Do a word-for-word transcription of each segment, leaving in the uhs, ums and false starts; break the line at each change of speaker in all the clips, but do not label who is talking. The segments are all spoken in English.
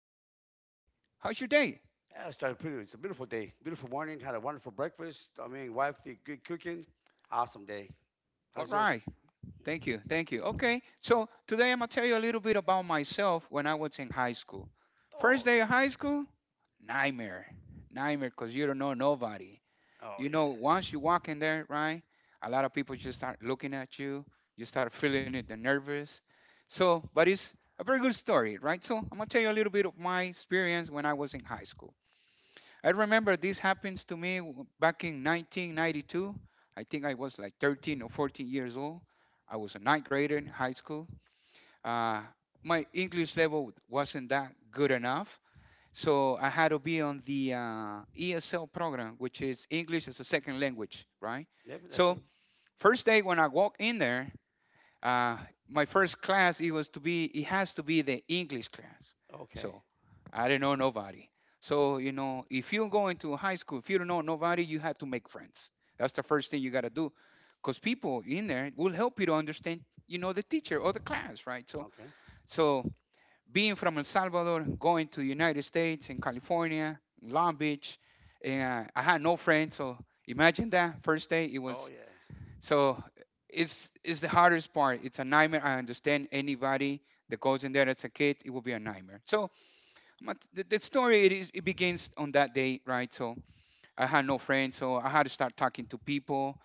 South today. How's your day?
Yeah, it started pretty. It's a beautiful day, beautiful morning. Had a wonderful breakfast. I mean, wife did good cooking. Awesome day.
All
How's yours?
right. Thank you. Thank you. Okay. So today I'm going to tell you a little bit about myself when I was in high school.
Oh,
First day
okay.
of high school, nightmare. Nightmare because you don't know nobody.
Oh
You know,
yeah.
once you walk in there, right? A lot of people just start looking at you. You start feeling it, the nervous. So, but it's a very good story, right? So I'm going to tell you a little bit of my experience when I was in high school. I remember this happens to me w- back in nineteen ninety-two. I think I was like thirteen or fourteen years old. I was a ninth grader in high school. Uh, my English level wasn't that good enough, so I had to be on the uh, E S L program, which is English as a second language, right?
Maybe that's a,
So first day when I walk in there, uh, my first class it was to be it has to be the English class.
okay.
So I didn't know nobody. So, you know, if you go into high school, if you don't know nobody, you have to make friends. That's the first thing you got to do. Because people in there will help you to understand, you know, the teacher or the class, right? So,
Okay.
so being from El Salvador, going to United States and California, Long Beach, and I had no friends. So imagine that first day it
Oh
was.
yeah.
So it's it's the hardest part. It's a nightmare. I understand anybody that goes in there as a kid, it will be a nightmare. So but the, the story it, is, it begins on that day, right? So I had no friends, so I had to start talking to people.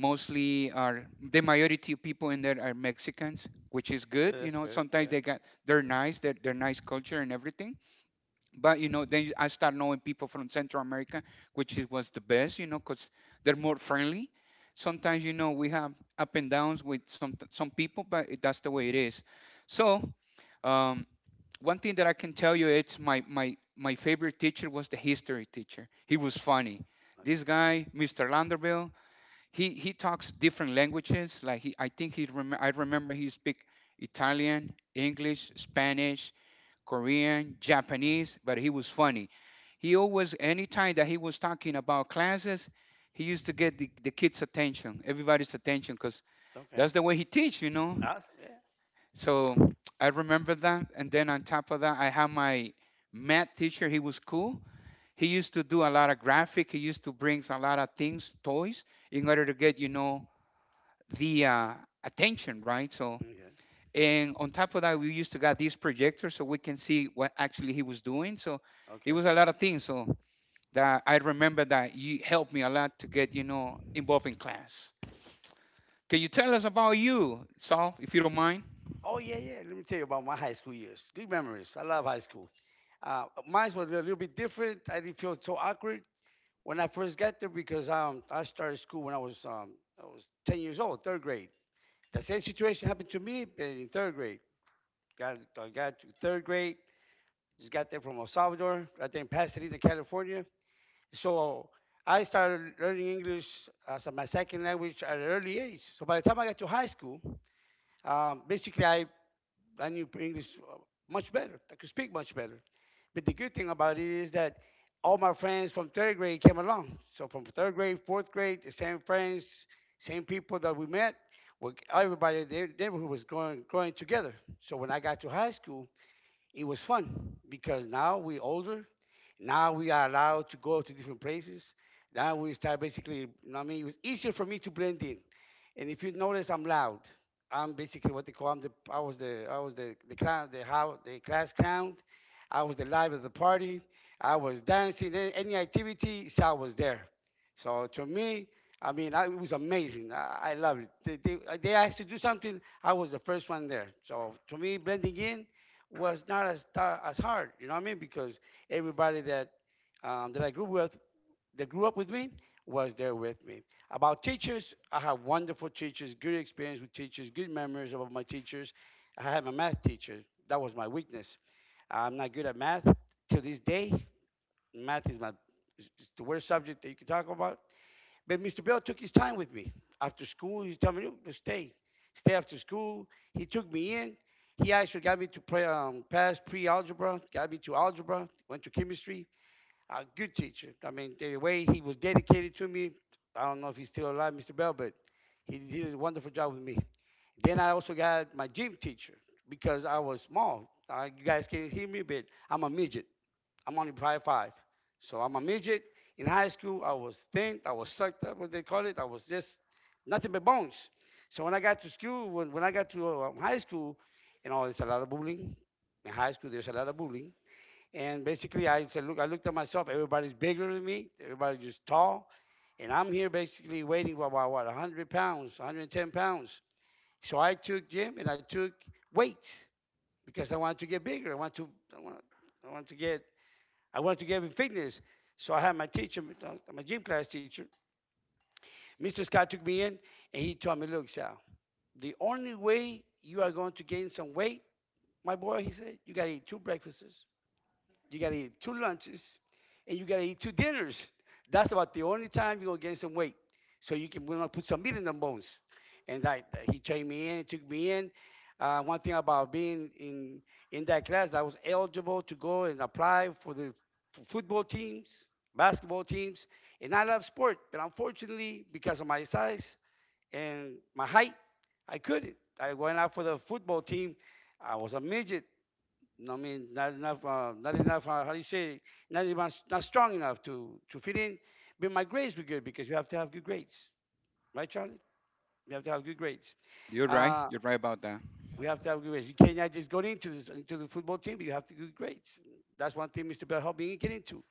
Mostly are The majority of people in there are Mexicans, which is
Yeah,
good.
that's
You know,
good. Yeah.
sometimes they got they're nice, they're, they're nice culture and everything. But you know, then I start knowing people from Central America, which is, was the best. You know, because they're more friendly. Sometimes you know we have up and downs with some some people, but it, that's the way it is. So um, one thing that I can tell you it's my my my favorite teacher was the history teacher. He was funny. This guy, Mister Landerville, he he talks different languages. Like he, I think he rem- I remember he speak Italian, English, Spanish, Korean, Japanese, but he was funny. He always anytime that he was talking about classes, he used to get the, the kids' attention, everybody's attention, because
Okay. Okay.
that's the way he teach, you know.
Awesome. Yeah.
So I remember that. And then on top of that, I had my math teacher. He was cool. He used to do a lot of graphic. He used to bring a lot of things, toys, in order to get, you know, the uh, attention, right? So, and on top of that, we used to got these projectors so we can see what actually he was doing. So
Okay.
it
Okay.
was a lot of things. So that I remember that you helped me a lot to get, you know, involved in class. Can you tell us about you, Saul, if you don't mind?
Oh yeah, yeah. Let me tell you about my high school years. Good memories. I love high school. Uh, mine was a little bit different. I didn't feel so awkward when I first got there because um, I started school when I was um, I was ten years old, third grade. The same situation happened to me but in third grade. Got I got to third grade. Just got there from El Salvador, right there in Pasadena, California. So I started learning English as my second language at an early age. So by the time I got to high school, um, basically, I, I knew English uh, much better. I could speak much better. But the good thing about it is that all my friends from third grade came along. So from third grade, fourth grade, the same friends, same people that we met, were, everybody in the neighborhood was going, growing together. So when I got to high school, it was fun because now we're older. Now we are allowed to go to different places. Now we start basically, you know what I mean? It was easier for me to blend in. And if you notice, I'm loud. I'm basically what they call, I'm the, I was the, I was the, the clown, the, how, the class clown. I was the live of the party. I was dancing, any activity, so I was there. So to me, I mean, I, it was amazing. I, I loved it. They, they, they asked to do something, I was the first one there. So to me, blending in, was not as ta- as hard. You know what I mean? Because everybody that um, that I grew with, that grew up with me, was there with me. About teachers, I have wonderful teachers, good experience with teachers, good memories about my teachers. I had my math teacher. That was my weakness. I'm not good at math to this day. Math is my is the worst subject that you can talk about. But mister Bell took his time with me. After school, he told me to stay. Stay after school. He took me in. He actually got me to play, um, pass pre-algebra, got me to algebra, went to chemistry. A good teacher. I mean, the way he was dedicated to me, I don't know if he's still alive, mister Bell, but he did a wonderful job with me. Then I also got my gym teacher because I was small. Uh, you guys can't hear me, but I'm a midget. I'm only five five. So I'm a midget. In high school, I was thin. I was sucked up, what they call it. I was just nothing but bones. So when I got to school, when, when I got to uh, um, high school, you know, there's a lot of bullying. In high school, there's a lot of bullying. And basically, I said, look, I looked at myself. Everybody's bigger than me. Everybody's just tall. And I'm here basically waiting about, about what, a hundred pounds, one hundred and ten pounds. So I took gym and I took weights because I wanted to get bigger. I wanted to, I wanted, I wanted to get I wanted to get in fitness. So I had my teacher, my gym class teacher, mister Scott took me in and he told me, look, Sal, the only way you are going to gain some weight, my boy, he said, you got to eat two breakfasts, you got to eat two lunches and you got to eat two dinners. That's about the only time you're going to gain some weight. So you can we're gonna put some meat in the bones. And I, he trained me in, took me in. Uh, one thing about being in, in that class, I was eligible to go and apply for the f- football teams, basketball teams. And I love sport, but unfortunately, because of my size and my height, I couldn't. I went out for the football team. I was a midget. No, I mean, not enough, uh, not enough, uh, how do you say, not even, not strong enough to, to fit in. But my grades were good because you have to have good grades, right, Charlie? You have to have good grades.
You're right.
Uh,
You're right about that.
we have to have good grades. You cannot just go into this, into the football team, but you have to do good grades. That's one thing mister Bell helped me get into.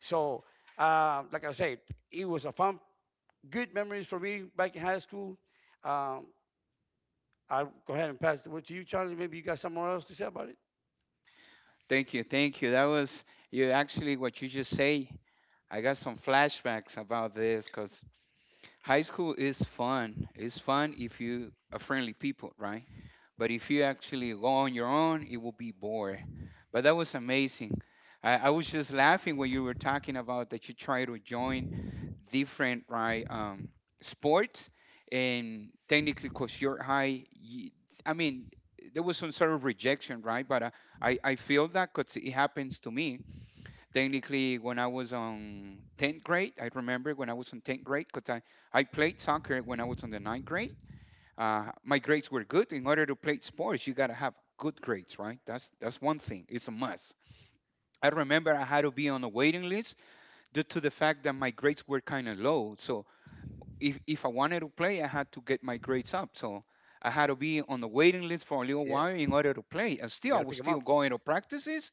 So, uh, like I said, it was a fun, good memories for me back in high school. Um, I'll go ahead and pass the word to you, Charlie. Maybe you got something else to say about it.
Thank you, thank you. That was you actually what you just say. I got some flashbacks about this because high school is fun. It's fun if you are friendly people, right? But if you actually go on your own, it will be boring. But that was amazing. I, I was just laughing when you were talking about that you try to join different right um, sports, and technically, cause you're high. You, I mean, there was some sort of rejection, right? But uh, I I feel that cause it happens to me. Technically, when I was on tenth grade, I remember when I was on tenth grade, cause I I played soccer when I was on the ninth grade uh, My grades were good. In order to play sports, you gotta have good grades, right? That's that's one thing. It's a must. I remember I had to be on a waiting list due to the fact that my grades were kind of low. So if if I wanted to play, I had to get my grades up. So I had to be on the waiting list for a little
Yeah,
while in order to play. And
you
still, I
got to
was
pick them
still
up.
going to practices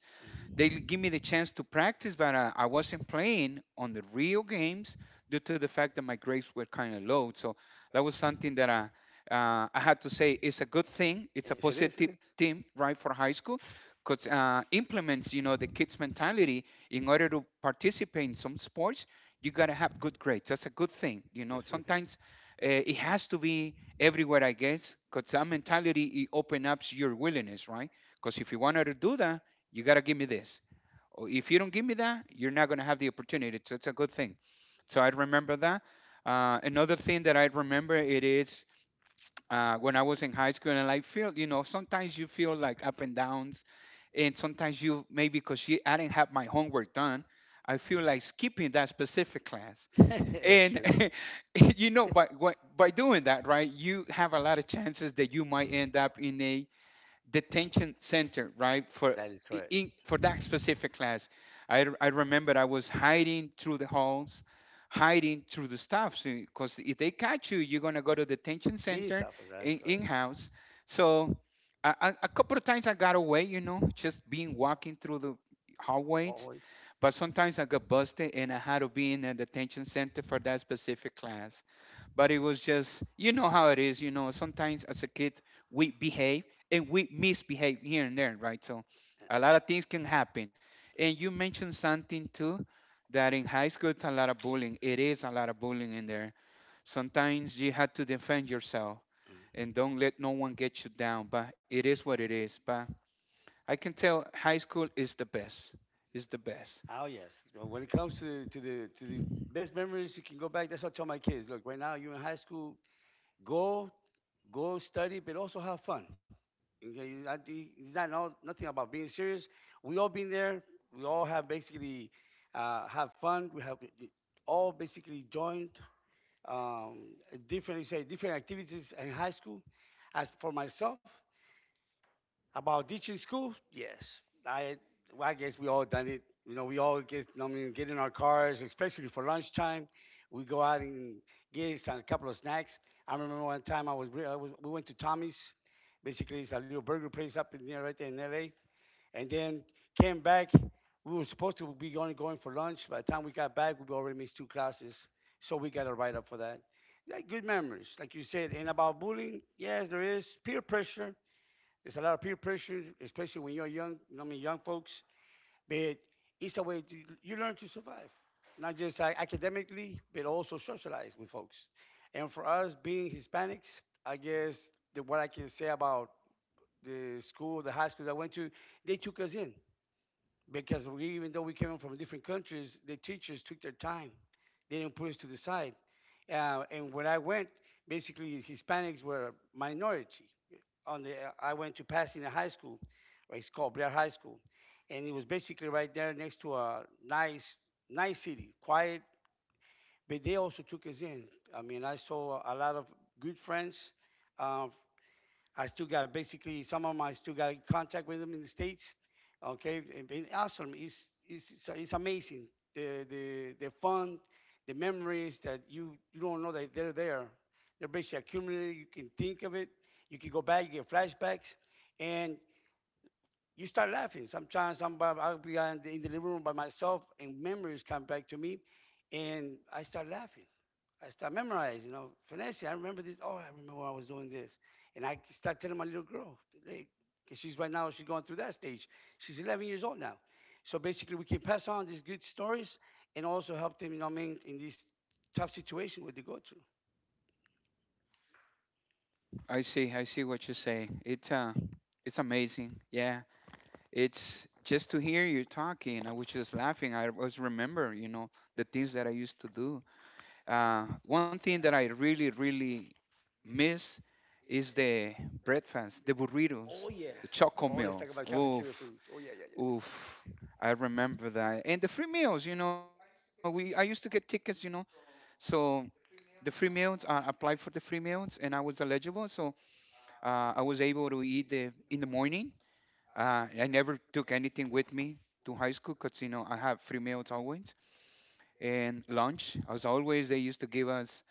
they give me the chance to practice, but I, I wasn't playing on the real games due to the fact that my grades were kind of low. So that was something that I, uh, I had to say is a good thing. It's a
Yes, it is. It
positive
is.
thing, right, for high school. Because uh, implements, you know, the kids' mentality. In order to participate in some sports, you gotta have good grades. That's a good thing, you know.
That's a good
Sometimes uh, it has to be everywhere, I guess, because that mentality it opens up your willingness, right? Because if you wanted to do that, you got to give me this. Or if you don't give me that, you're not going to have the opportunity. So it's a good thing. So I remember that. Uh, another thing that I remember it is uh, when I was in high school, and I feel, you know, sometimes you feel like up and downs, and sometimes you maybe because you I didn't have my homework done, I feel like skipping that specific class.
thing. That's
And
true.
you know, by by by doing that, right, you have a lot of chances that you might end up in a detention center, right? For
That is
i-
correct.
in, for that specific class, I r- I remember I was hiding through the halls, hiding through the stuff, because if they catch you, you're gonna go to detention
These
center
alphas, that's
in in
correct.
house. So I, I, a, couple of times I got away, you know, just being walking through the hallways. But sometimes I got busted, and I had to be in a detention center for that specific class. But it was just, you know how it is. You know, sometimes as a kid we behave and we misbehave here and there, right? So a lot of things can happen. And you mentioned something too that in high school it's a lot of bullying, it is a lot of bullying in there. Sometimes you have to defend yourself and don't let no one get you down, but it is what it is. But I can tell high school is the best. It's the best.
Oh yes. So when it comes to the to the to the best memories, you can go back. That's what I tell my kids. Look, right now you're in high school. Go Go study, but also have fun. Okay, you- I- you- it's not all, nothing about being serious. We all been there. We all have basically uh, have fun. We have all basically joined um, different you say different activities in high school. As for myself, about teaching school, yes. I well, I guess we all done it. You know, we all get I mean get in our cars, especially for lunchtime. We go out and get some, a couple of snacks. I remember one time I was, re- I was we went to Tommy's. Basically, it's a little burger place up in there, right there in L A. And then came back. We were supposed to be only going for lunch. By the time we got back, we already missed two classes, so we got a write up for that. Like good memories, like you said. And about bullying, yes, there is peer pressure, there's a lot of peer pressure, especially when you're young. You know, I mean, young folks. But it's a way to, you learn to survive, not just uh, academically, but also socialize with folks. And for us, being Hispanics, I guess the, what I can say about the school, the high school that I went to, they took us in because we, even though we came from different countries, the teachers took their time. They didn't put us to the side. Uh, and when I went, basically Hispanics were a minority. On the, uh, I went to Pasadena High School, or it's called Blair High School, and it was basically right there next to a nice, nice city, quiet. But they also took us in. I mean, I saw a lot of good friends uh, I still got basically some of them I still got in contact with them in the states. Okay, it's awesome. It's it's it's, amazing the the the fun, the memories that you you don't know that they're there. They're basically accumulated. You can think of it. You can go back. You get flashbacks, and you start laughing. Sometimes I'm I'll be in the living room by myself, and memories come back to me, and I start laughing. I start memorizing, you know, Vanessa, I remember this. Oh, I remember when I was doing this. And I start telling my little girl, "Hey," cause she's right now, she's going through that stage. She's eleven years old now. So basically, we can pass on these good stories and also help them, you know what I mean, in this tough situation where they go through.
I see i see what you're saying. It's uh it's amazing, yeah. It's just to hear you talking. I was just laughing. I was remember, you know, the things that I used to do. Uh, one thing that I really, really miss is the breakfast, the burritos,
Oh yeah.
the choco
Oh, let's talk
meals.
about cafeteria
Oof,
food. Oh, yeah, yeah, yeah.
oof. I remember that. And the free meals, you know, we I used to get tickets, you know, so the free meals. I applied for the free meals, and I was eligible, so uh, I was able to eat the in the morning uh, I never took anything with me to high school because you know I have free meals always and lunch. As always, they used to give us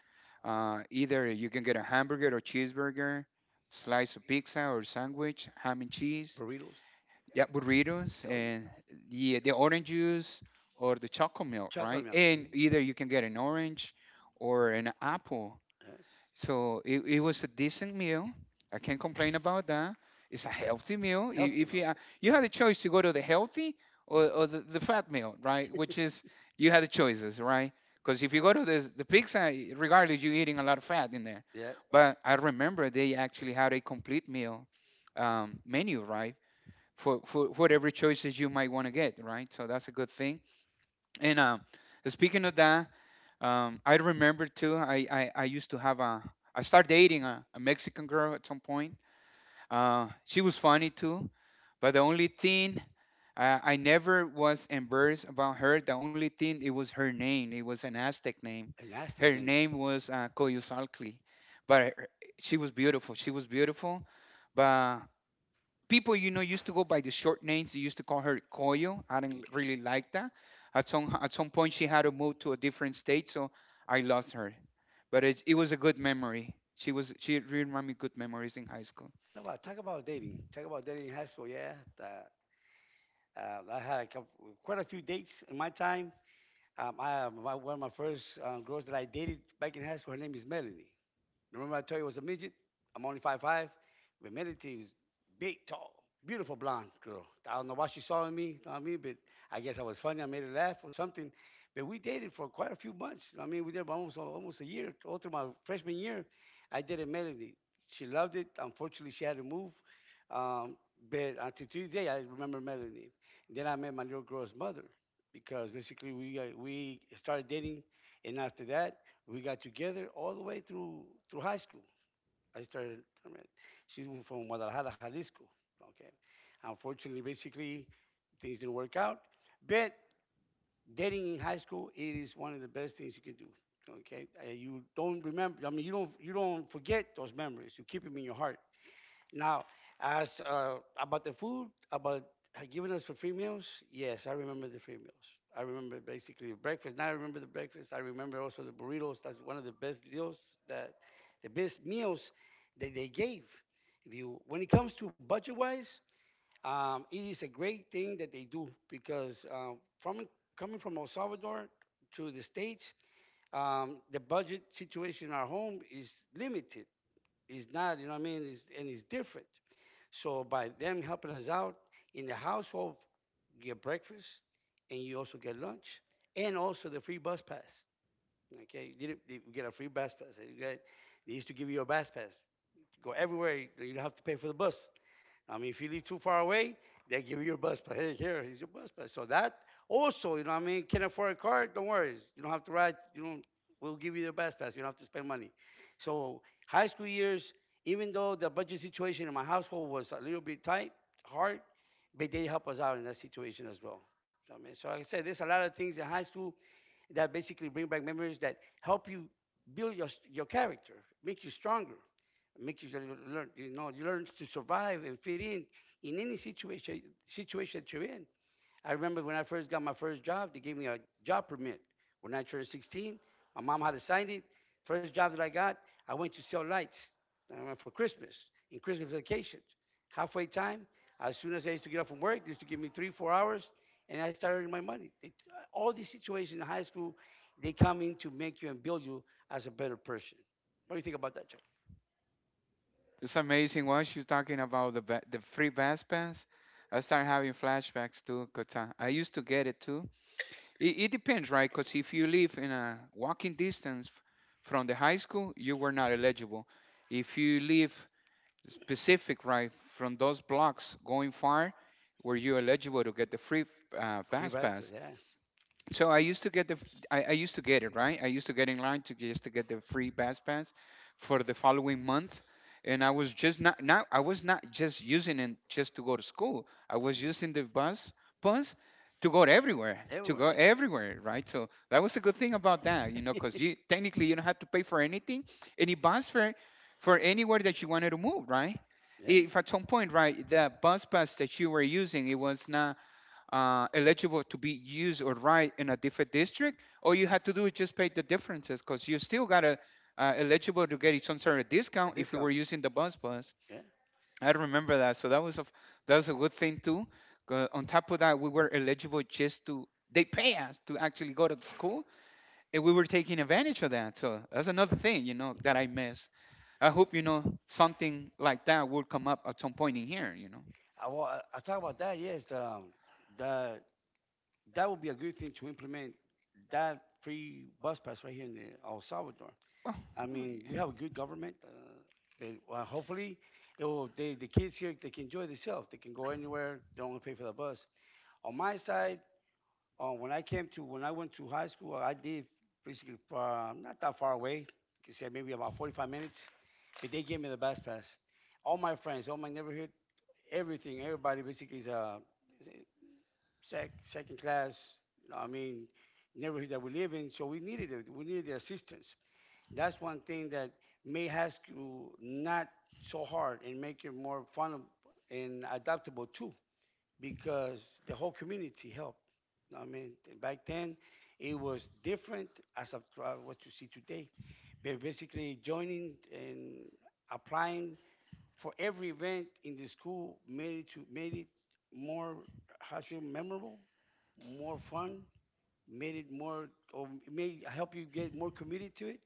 uh, either you can get a hamburger or cheeseburger, slice of pizza or sandwich, ham and cheese,
Burritos.
yeah, burritos,
Oh, yeah.
and the the orange juice or the chocolate milk,
Chocolate
right?
milk. Mhm.
And either you can get an orange or an apple
Yes.
so it, it was a decent meal. I can't complain about that. It's a healthy meal. I-
Healthy
If you,
milk.
uh, you
Yes.
had a choice to go to the healthy or, or the, the fat meal, right? Which is, you had the choices, right? Because if you go to the, the pizza, regardless, you're eating a lot of fat in there.
Yeah.
But I remember they actually had a complete meal um, menu, right? For, for whatever choices you might want to get, right? So that's a good thing. And um, speaking of that, um, I remember too. I, I, I used to have a. I started dating a, a Mexican girl at some point. Uh, she was funny too, but the only thing uh, I never was embarrassed about her. The only thing it was her name. It was an Aztec name.
And
Her
thing.
name was uh, Coyusalcli, but her- she was beautiful. She was beautiful, but people you know used to go by the short names. They used to call her Koyo. I didn't
Okay.
really like that. At some at some point, she had to move to a different state, so I lost her. But it, it was a good memory. She was she reminded me good memories in high school.
You know what? Talk about dating. Talk about dating in high school. Yeah, that, uh, I had a couple, quite a few dates in my time. Um, I my, one of my first uh, girls that I dated back in high school. Her name is Melanie. Remember I told you I was a midget? I'm only five five. But Melody was big, tall, beautiful blonde girl. I don't know why she saw in me, you know what I mean? But I guess I was funny. I made her laugh or something. But we dated for quite a few months. You know what I mean, we did almost almost a year. All through my freshman year, I dated Melody. She loved it. Unfortunately, she had to move. Um, but until Tuesday, I remember Melody. And then I met my little girl's mother because basically we uh, we started dating, and after that, we got together all the way through through high school. I started. I mean, she's from Guadalajara, Jalisco. Okay. Unfortunately, basically, things didn't work out. But dating in high school, it is one of the best things you can do. Okay. Uh, you don't remember. I mean, you don't you don't forget those memories. You keep them in your heart. Now, as uh, about the food, about uh, giving us for free meals, yes, I remember the free meals. I remember basically the breakfast. Now I remember the breakfast. I remember also the burritos. That's one of the best deals that the best meals that they gave. If you, When it comes to budget-wise, um, it is a great thing that they do because um, from coming from El Salvador to the States, um, the budget situation in our home is limited, it's not, you know what I mean? It's, and it's different. So by them helping us out in the household, you get breakfast and you also get lunch and also the free bus pass. Okay, you didn't, you get a free bus pass. You got, they used to give you a bus pass. Go everywhere. You don't have to pay for the bus. I mean, if you live too far away, they give you your bus pass. Hey, here, here's your bus pass. So that also, you know what I mean, can not afford a car, don't worry. You don't have to ride, you don't, we'll give you the bus pass. You don't have to spend money. So high school years, even though the budget situation in my household was a little bit tight, hard, but they help us out in that situation as well. So, I mean, so like I said, there's a lot of things in high school that basically bring back memories that help you build your, your character, make you stronger, make you learn, you know, you learn to survive and fit in in any situation situation that you're in. I remember when I first got my first job, they gave me a job permit. When I turned sixteen, my mom had to sign it. First job that I got, I went to sell lights uh, for Christmas, in Christmas vacations. Halfway time, as soon as I used to get off from work, they used to give me three, four hours, and I started earning my money. They, all these situations in high school, they come in to make you and build you as a better person. What do you think about that, Joe?
It's amazing while she's talking about the ba- the free bass pass. I start having flashbacks too, 'cause I, I used to get it too. It, it depends, cuz if you live in a walking distance f- from the high school, you were not eligible. If you live specific right from those blocks going far where you're eligible to get the free uh,
Free
pass
breakfast.
pass
Yeah.
So I used to get the I, I used to get it right. I used to get in line to just to get the free pass pass for the following month, and I was just not, now I was not just using it just to go to school. I was
Mhm.
using the bus pass to go everywhere to go
Everywhere,
everywhere right? So that was a good thing about that you know
yeah.
because you technically you don't have to pay for anything any bus fare for anywhere that you wanted to move, right?
yeah.
If at some point, right, the bus pass that you were using it was not uh, eligible to be used or right in a different district, all you had to do is just pay the differences because you still got a uh, eligible to get some sort of
A
discount if we were
discount.
using the bus bus.
Yeah.
I remember that, so that was a that was a good thing too. On top of that, we were eligible just to they pay us to actually go to the school, and we were taking advantage of that. So that's another thing, you know, that I miss. I hope you know something like that will come up at some point in here, you know.
I, I talk about that. Yes, the, um, the that would be a good thing to implement, that free bus pass right here in the, El Salvador. I mean, we
Well,
have a good government. Uh, they, well, hopefully, it will, they, the kids here they can enjoy themselves. They can go anywhere. They don't pay for the bus. On my side, uh, when I came to when I went to high school, I did basically uh, not that far away. You can say maybe about forty-five minutes, but they gave me the bus pass. All my friends, all my neighborhood, everything. Everybody basically is a sec, second class, you know, I mean, neighborhood that we live in. So we needed it. We needed the assistance. That's one thing that may has to not so hard and make it more fun and adaptable too, because the whole community helped. You know I mean, back then it was different as of uh, what you see today. But basically, joining and applying for every event in the school made it to made it more, how to say, memorable, more fun, made it more or made help you get more committed to it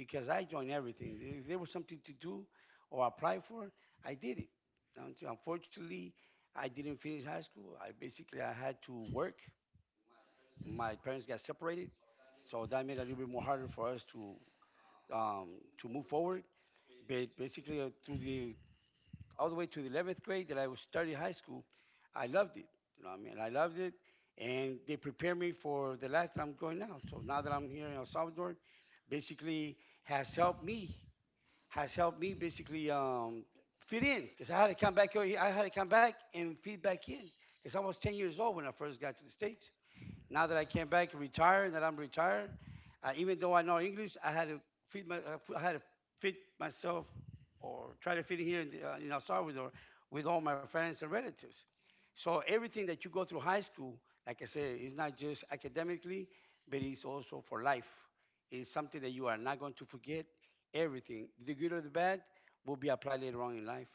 because I joined everything. If there was something to do or apply for, I did it. Until- Unfortunately, I didn't finish high school. I basically I had to work. My parents got separated, so that made it a little bit more harder for us to um, to move forward. But basically, uh, through the all the way to the eleventh grade that I was studying high school. I loved it. You know what I mean? I loved it. And they prepared me for the life that I'm going now. So now that I'm here in El Salvador, basically has helped me, has helped me basically um, fit in because I had to come back. here- I had to come back and fit back in because I was ten years old when I first got to the States. Now that I came back and retired, that I'm retired, uh, even though I know English, I had to fit my, uh, I had to fit myself or try to fit in here in, the, uh, in El Salvador with all my friends and relatives. So everything that you go through high school, like I said, is not just academically, but it's also for life. It's something that you are not going to forget. Everything, the good or the bad, will be applied later on in life.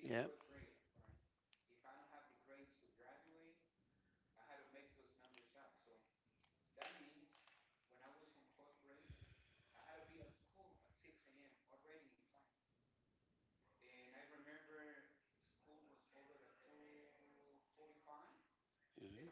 Yeah. Mhm.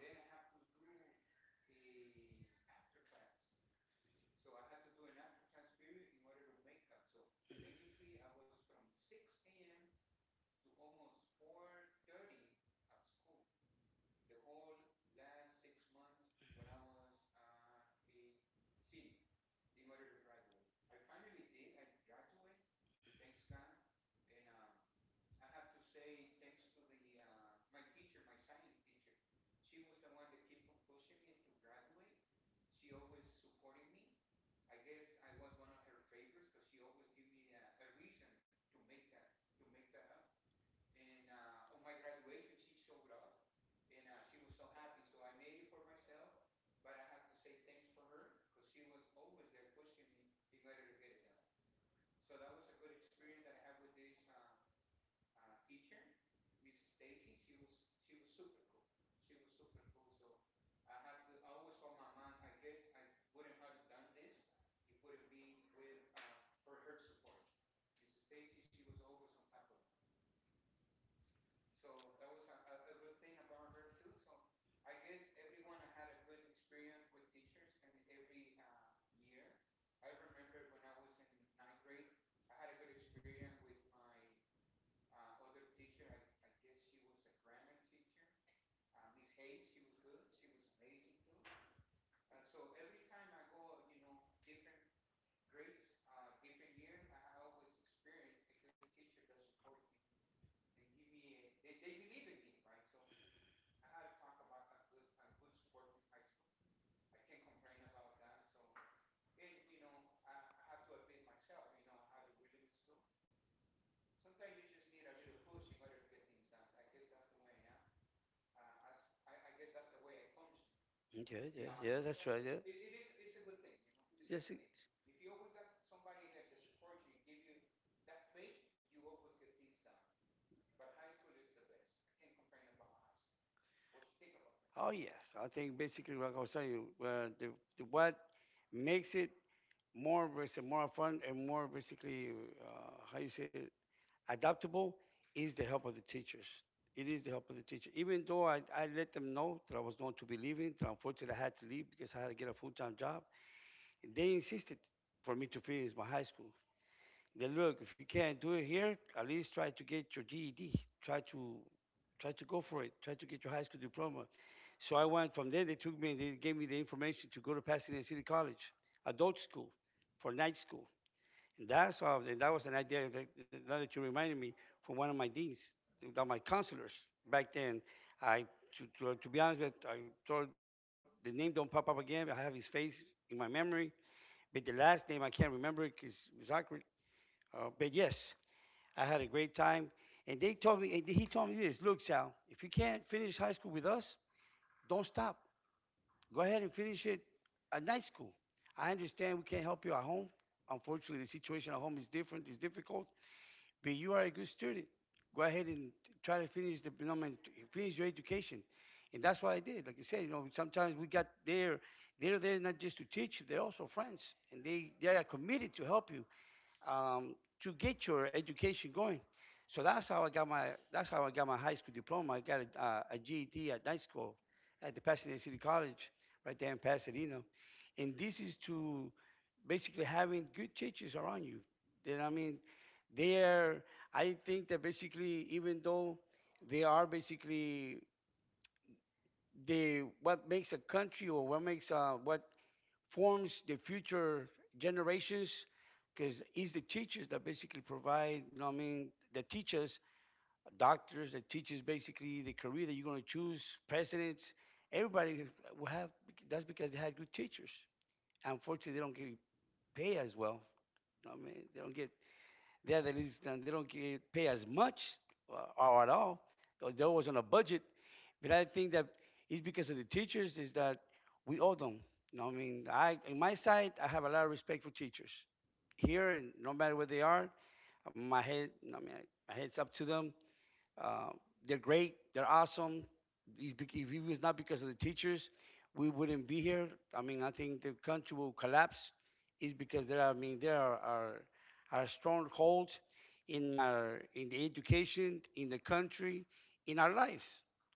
Yeah, yeah, yeah, that's right. Yeah. Yes. it- Oh, yes. I think basically, like I was telling you, uh, the, the what makes it more, basi- more fun and more basically, uh, how you say it, adaptable is the help of the teachers. It is the help of the teacher. Even though I, I let them know that I was going to be leaving, that unfortunately I had to leave because I had to get a full time job, they insisted for me to finish my high school. Then look, if you can't do it here, at least try to get your G E D. Try to try to go for it. Try to get your high school diploma. So I went from there. They took me and they gave me the information to go to Pasadena City College, adult school, for night school. And that's how, and that was an idea that, now that you reminded me, from one of my deans, that my counselors back then. I to, to, to be honest with you, I told the name don't pop up again. I have his face in my memory, but the last name I can't remember because it was awkward. Uh, but yes, I had a great time. And they told me, and he told me this: Look, Sal, if you can't finish high school with us, don't stop. Go ahead and finish it at night school. I understand we can't help you at home. Unfortunately, the situation at home is different, it's difficult. But you are a good student. Go ahead and try to finish the diploma, finish your education. And that's what I did. Like you said, you know, sometimes we got there. They're there not just to teach you; they're also friends, and they they are committed to help you um, to get your education going. So that's how I got my that's how I got my high school diploma. I got a, uh, a G E D at night school at the Pasadena City College, right there in Pasadena. And this is to basically having good teachers around you. Then I mean, they are, I think that basically, even though they are basically the what makes a country or what makes uh, what forms the future generations, because it's the teachers that basically provide. You know, what I mean, the teachers, doctors, the teachers, basically the career that you're going to choose, presidents, everybody will have. That's because they had good teachers. Unfortunately, they don't get paid as well. You know what I mean, they don't get. The other is uh, they don't get, pay as much uh, or at all, or they're always on a budget. But I think that it's because of the teachers is that we owe them. You know, I mean, I in my side, I have a lot of respect for teachers here, no matter where they are, my head, I mean, my head's up to them. Uh, they're great. They're awesome. If it was not because of the teachers, we wouldn't be here. I mean, I think the country will collapse. It's because there. I mean, there are our, our stronghold in our in the education, in the country, in our lives.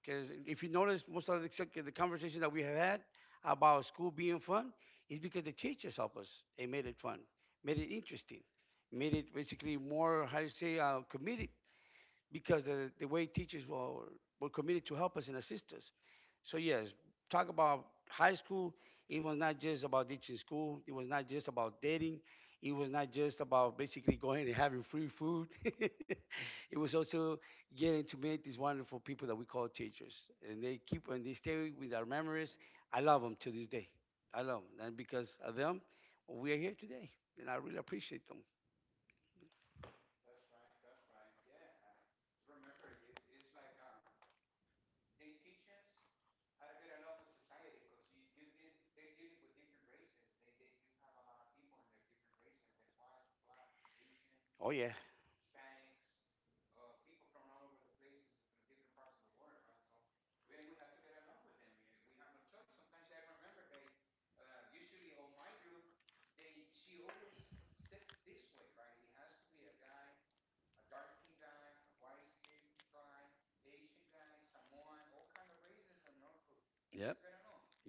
Because if you notice, most of the, the conversation that we have had about school being fun is because the teachers help us. They made it fun, made it interesting, made it basically more, how do you say, uh, committed, because the, the way teachers were, were committed to help us and assist us. So yes, talk about high school, it was not just about teaching school, it was not just about dating, it was not just about basically going and having free food. It was also getting to meet these wonderful people that we call teachers. And they keep and they stay with our memories. I love them to this day. I love them. And because of them, we are here today. And I really appreciate them. They Oh, yeah.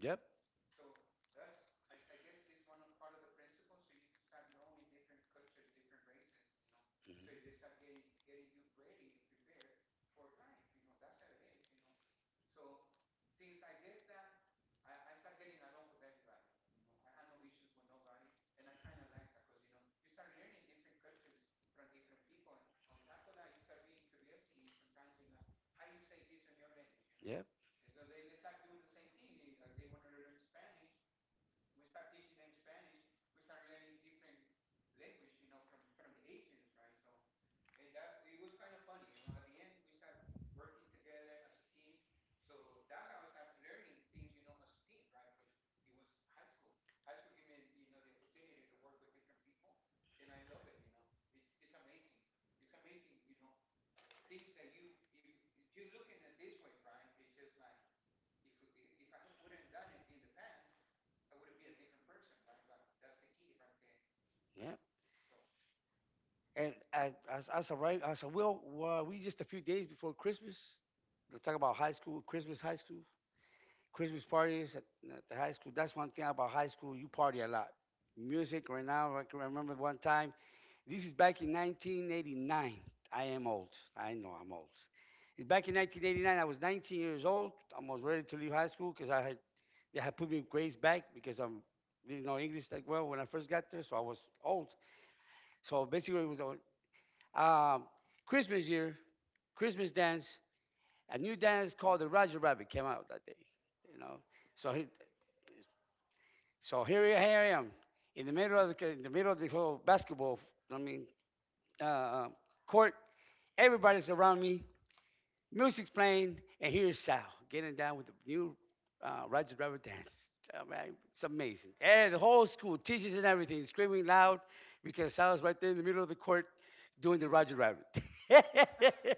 Yep. So. Mhm. You know? Yep. Yep. And I, I, s- I said, right, I said, well, uh, we just a few days before Christmas. Let talk about high school, Christmas high school. Christmas parties at, at the high school. That's one thing about high school. You party a lot. Music right now. I can remember one time. This is back in nineteen eighty-nine. I am old. I know I'm old. It's back in nineteen eighty-nine. I was nineteen years old. I was ready to leave high school because I had they had put me grades back because I didn't know English that well when I first got there, so I was old. So basically, it was um, Christmas year, Christmas dance. A new dance called the Roger Rabbit came out that day, you know. So he, so here, I- here I am in the middle of the, in the middle of the whole basketball. I mean, uh, uh, court. Everybody's around me. Music's playing, and here's Sal getting down with the new uh, Roger Rubber dance. Oh, man, it's amazing. And the whole school, teachers and everything, screaming loud because Sal's right there in the middle of the court doing the Roger Rabbit.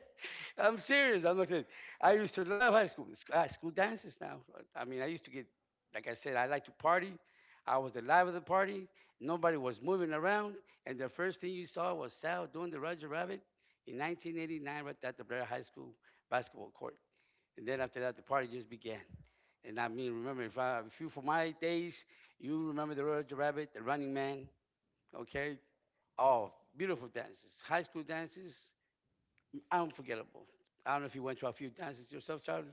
I'm serious. I'm not saying. I used to love high school high school dances. Now, I mean, I used to get, like I said, I like to party. I was the live of the party. Nobody was moving around, and the first thing you saw was Sal doing the Roger Rabbit in nineteen eighty-nine right at the Blair High School basketball court. And then after that, the party just began. And I mean, remember, if, I, if you, for my days, you remember the Roger Rabbit, the Running Man, okay? Oh, beautiful dances. High school dances, unforgettable. I don't know if you went to a few dances yourself, Charlie.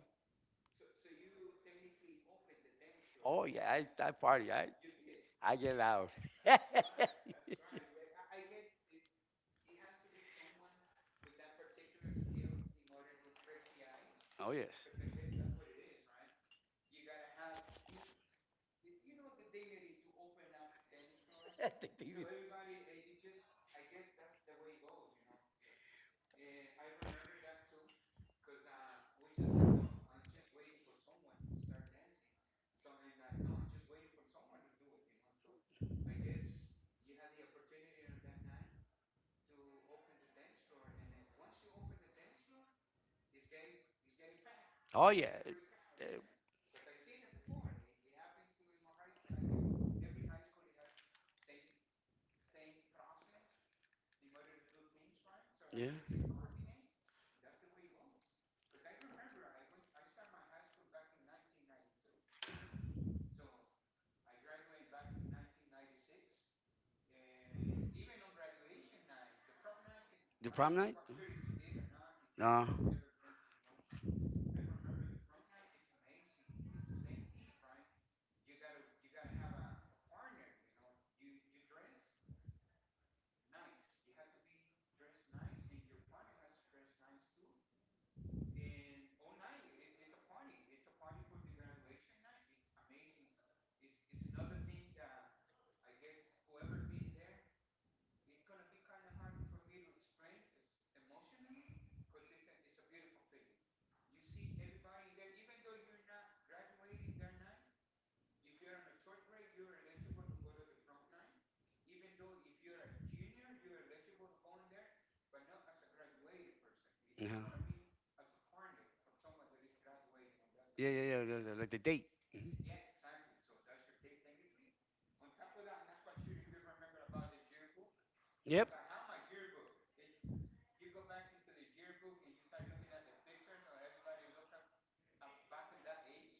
Oh, yeah, I, I party. I, I get loud. Oh, yes. I think know? Oh, yeah, every Uh, yeah. The prom night? No, yeah, yeah, yeah, yeah, like the date.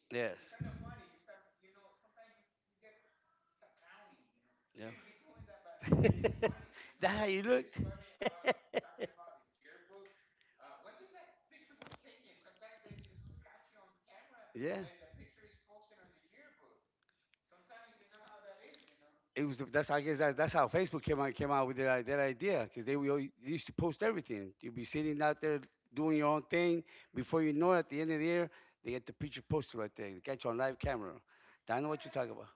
Yes. Yeah. That how you look. Yeah. It was the, that's I guess that, that's how Facebook came out came out with that, i- that idea because they were all- they used to post everything. You'd be sitting out there doing your own thing. Before you know it, at the end of the year, they get the picture posted right there. They got you on live camera. I know what you're talking about.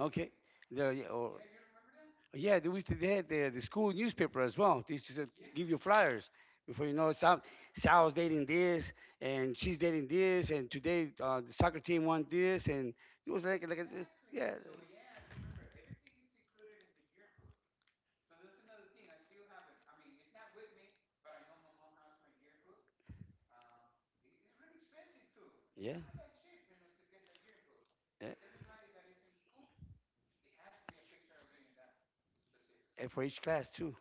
Okay. The, yeah, or, yeah, they used to they had the, the school newspaper as well. They used to give you flyers. Before you know it, Sal, Sal's dating this, and she's dating this, and today uh, the soccer team won this, and it was like, like a, yeah, yeah, yeah, and for each class too.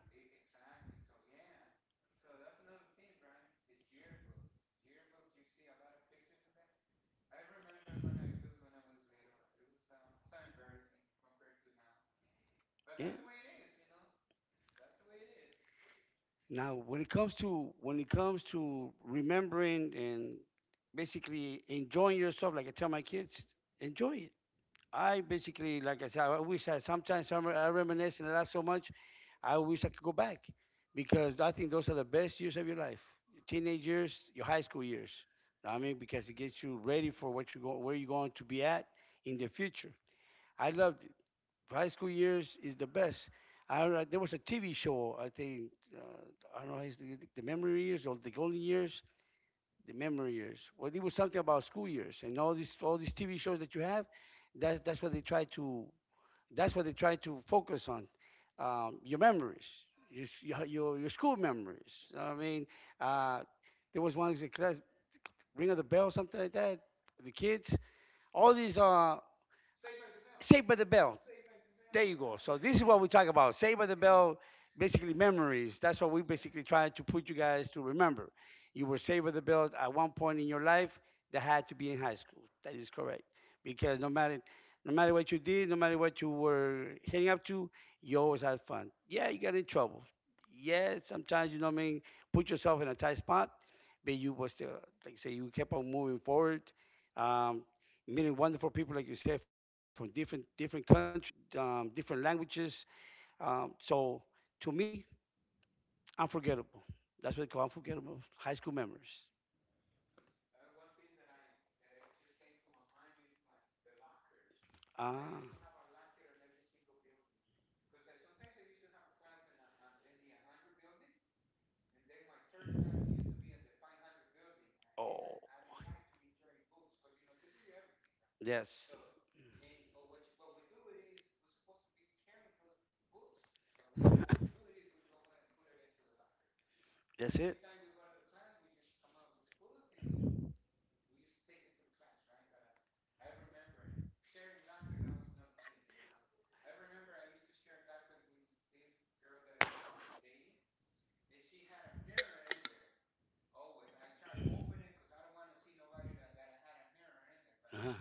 Yeah. Now, when it comes to when it comes to remembering and basically enjoying yourself, like I tell my kids, enjoy it. I basically, like I said, I wish I sometimes I reminisce and I laugh so much. I wish I could go back because I think those are the best years of your life. Your teenage years, your high school years. Know what I mean, because it gets you ready for what you go, where you're going to be at in the future. I loved it. High school years is the best. I, re- there was a T V show, I think, uh, I don't know, the, the memory years or the golden years, the memory years. Well, it was something about school years and all these all these T V shows that you have. That's that's what they try to that's what they try to focus on. Um, your memories, your, your, your school memories. I mean, uh, there was one the class, Ring of the Bell, something like that. The kids, all these are Saved by the Bell. There you go. So this is what we talk about. Save by the bell, basically memories. That's what we basically trying to put you guys to remember. You were saved by the bell at one point in your life that had to be in high school. That is correct. Because no matter no matter what you did, no matter what you were heading up to, you always had fun. Yeah, you got in trouble. Yeah, sometimes you know what I mean, put yourself in a tight spot, but you was still like you say you kept on moving forward. Um, meeting wonderful people like you said from different different countries, um, different languages. Um, so to me, unforgettable. That's what they call unforgettable high school memories. Ah, oh, yes. That's it. Uh-huh.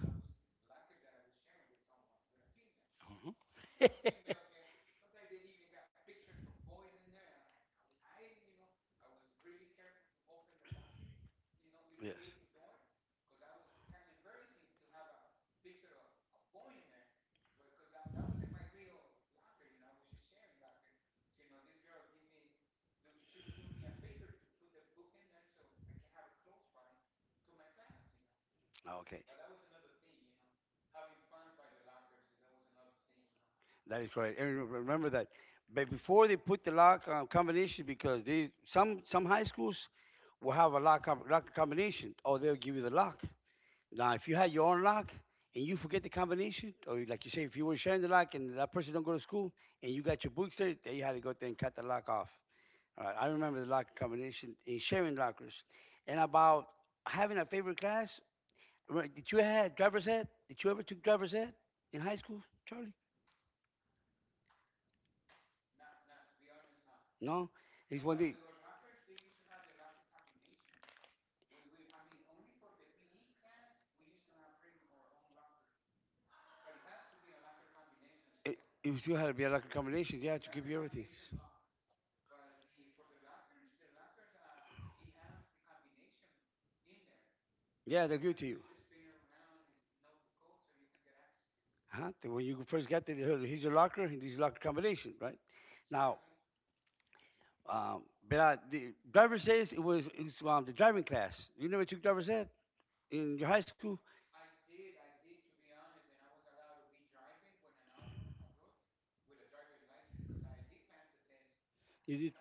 Mhm. Yes. Ah, okay, that is correct. And re- remember that. But before they put the lock uh, combination, because they some some high schools will have a lock, com- lock combination, or they'll give you the lock. Now, if you had your own lock and you forget the combination, or like you say, if you were sharing the lock and that person don't go to school and you got your books there, then you had to go there and cut the lock off. All right, I remember the lock combination in sharing lockers. And about having a favorite class, right, did you have driver's ed? Did you ever took driver's ed in high school, Charlie? No? It's one thing. It, it was you had to be a locker combination. Yeah, to give you everything. Yeah, they'll give it to you. Huh? The- when you first get there, here's your locker, and here's your locker combination, right? Now, um, but uh, the driver's says it was, it was um, the driving class. You never took driver's ed in your high school? You did?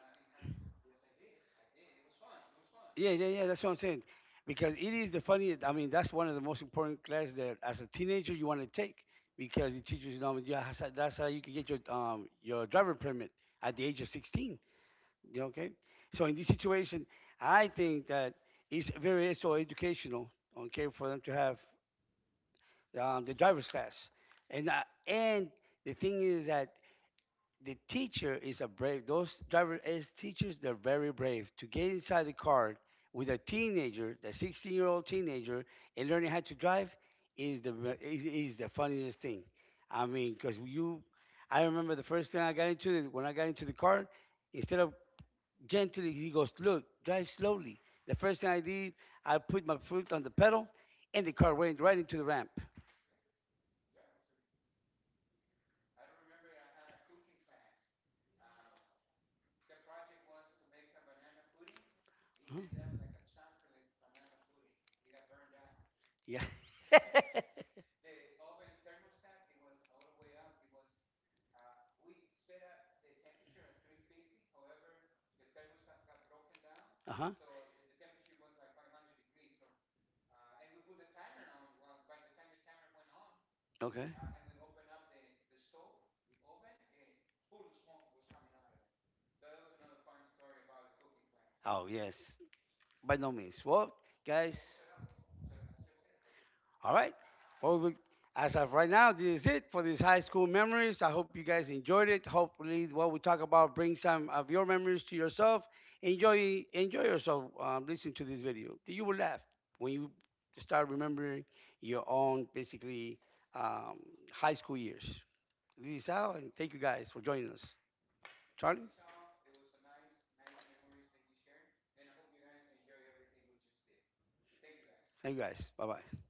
Yeah, yeah, yeah. That's what I'm saying. Because it is the funniest. I mean, that's one of the most important classes that, as a teenager, you want to take because it teaches you. Know, you- that's how that's how you can get your um your driver permit at the age of sixteen. Yeah, okay. So in this situation, I think that it's very so educational. Okay, for them to have um, the driver's class, and uh, and the thing is that the teacher is a brave. Those driver as teachers, they're very brave to get inside the car with a teenager, the sixteen-year-old teenager, and learning how to drive is the ve- is, is the funniest thing. I mean, because you, I remember the first thing I got into is when I got into the car, instead of gently, he goes, look, drive slowly. The first thing I did, I put my foot on the pedal, and the car went right into the ramp. Huh? Yeah. uh huh. Okay. Oh, yes. By no means. Well, guys. All right. Well, we, as of right now, this is it for these high school memories. I hope you guys enjoyed it. Hopefully, what we talk about brings some of your memories to yourself. Enjoy, enjoy yourself. Um, listen to this video. You will laugh when you start remembering your own basically um, high school years. This is Al, and thank you guys for joining us. Charlie, thank you guys. Bye bye.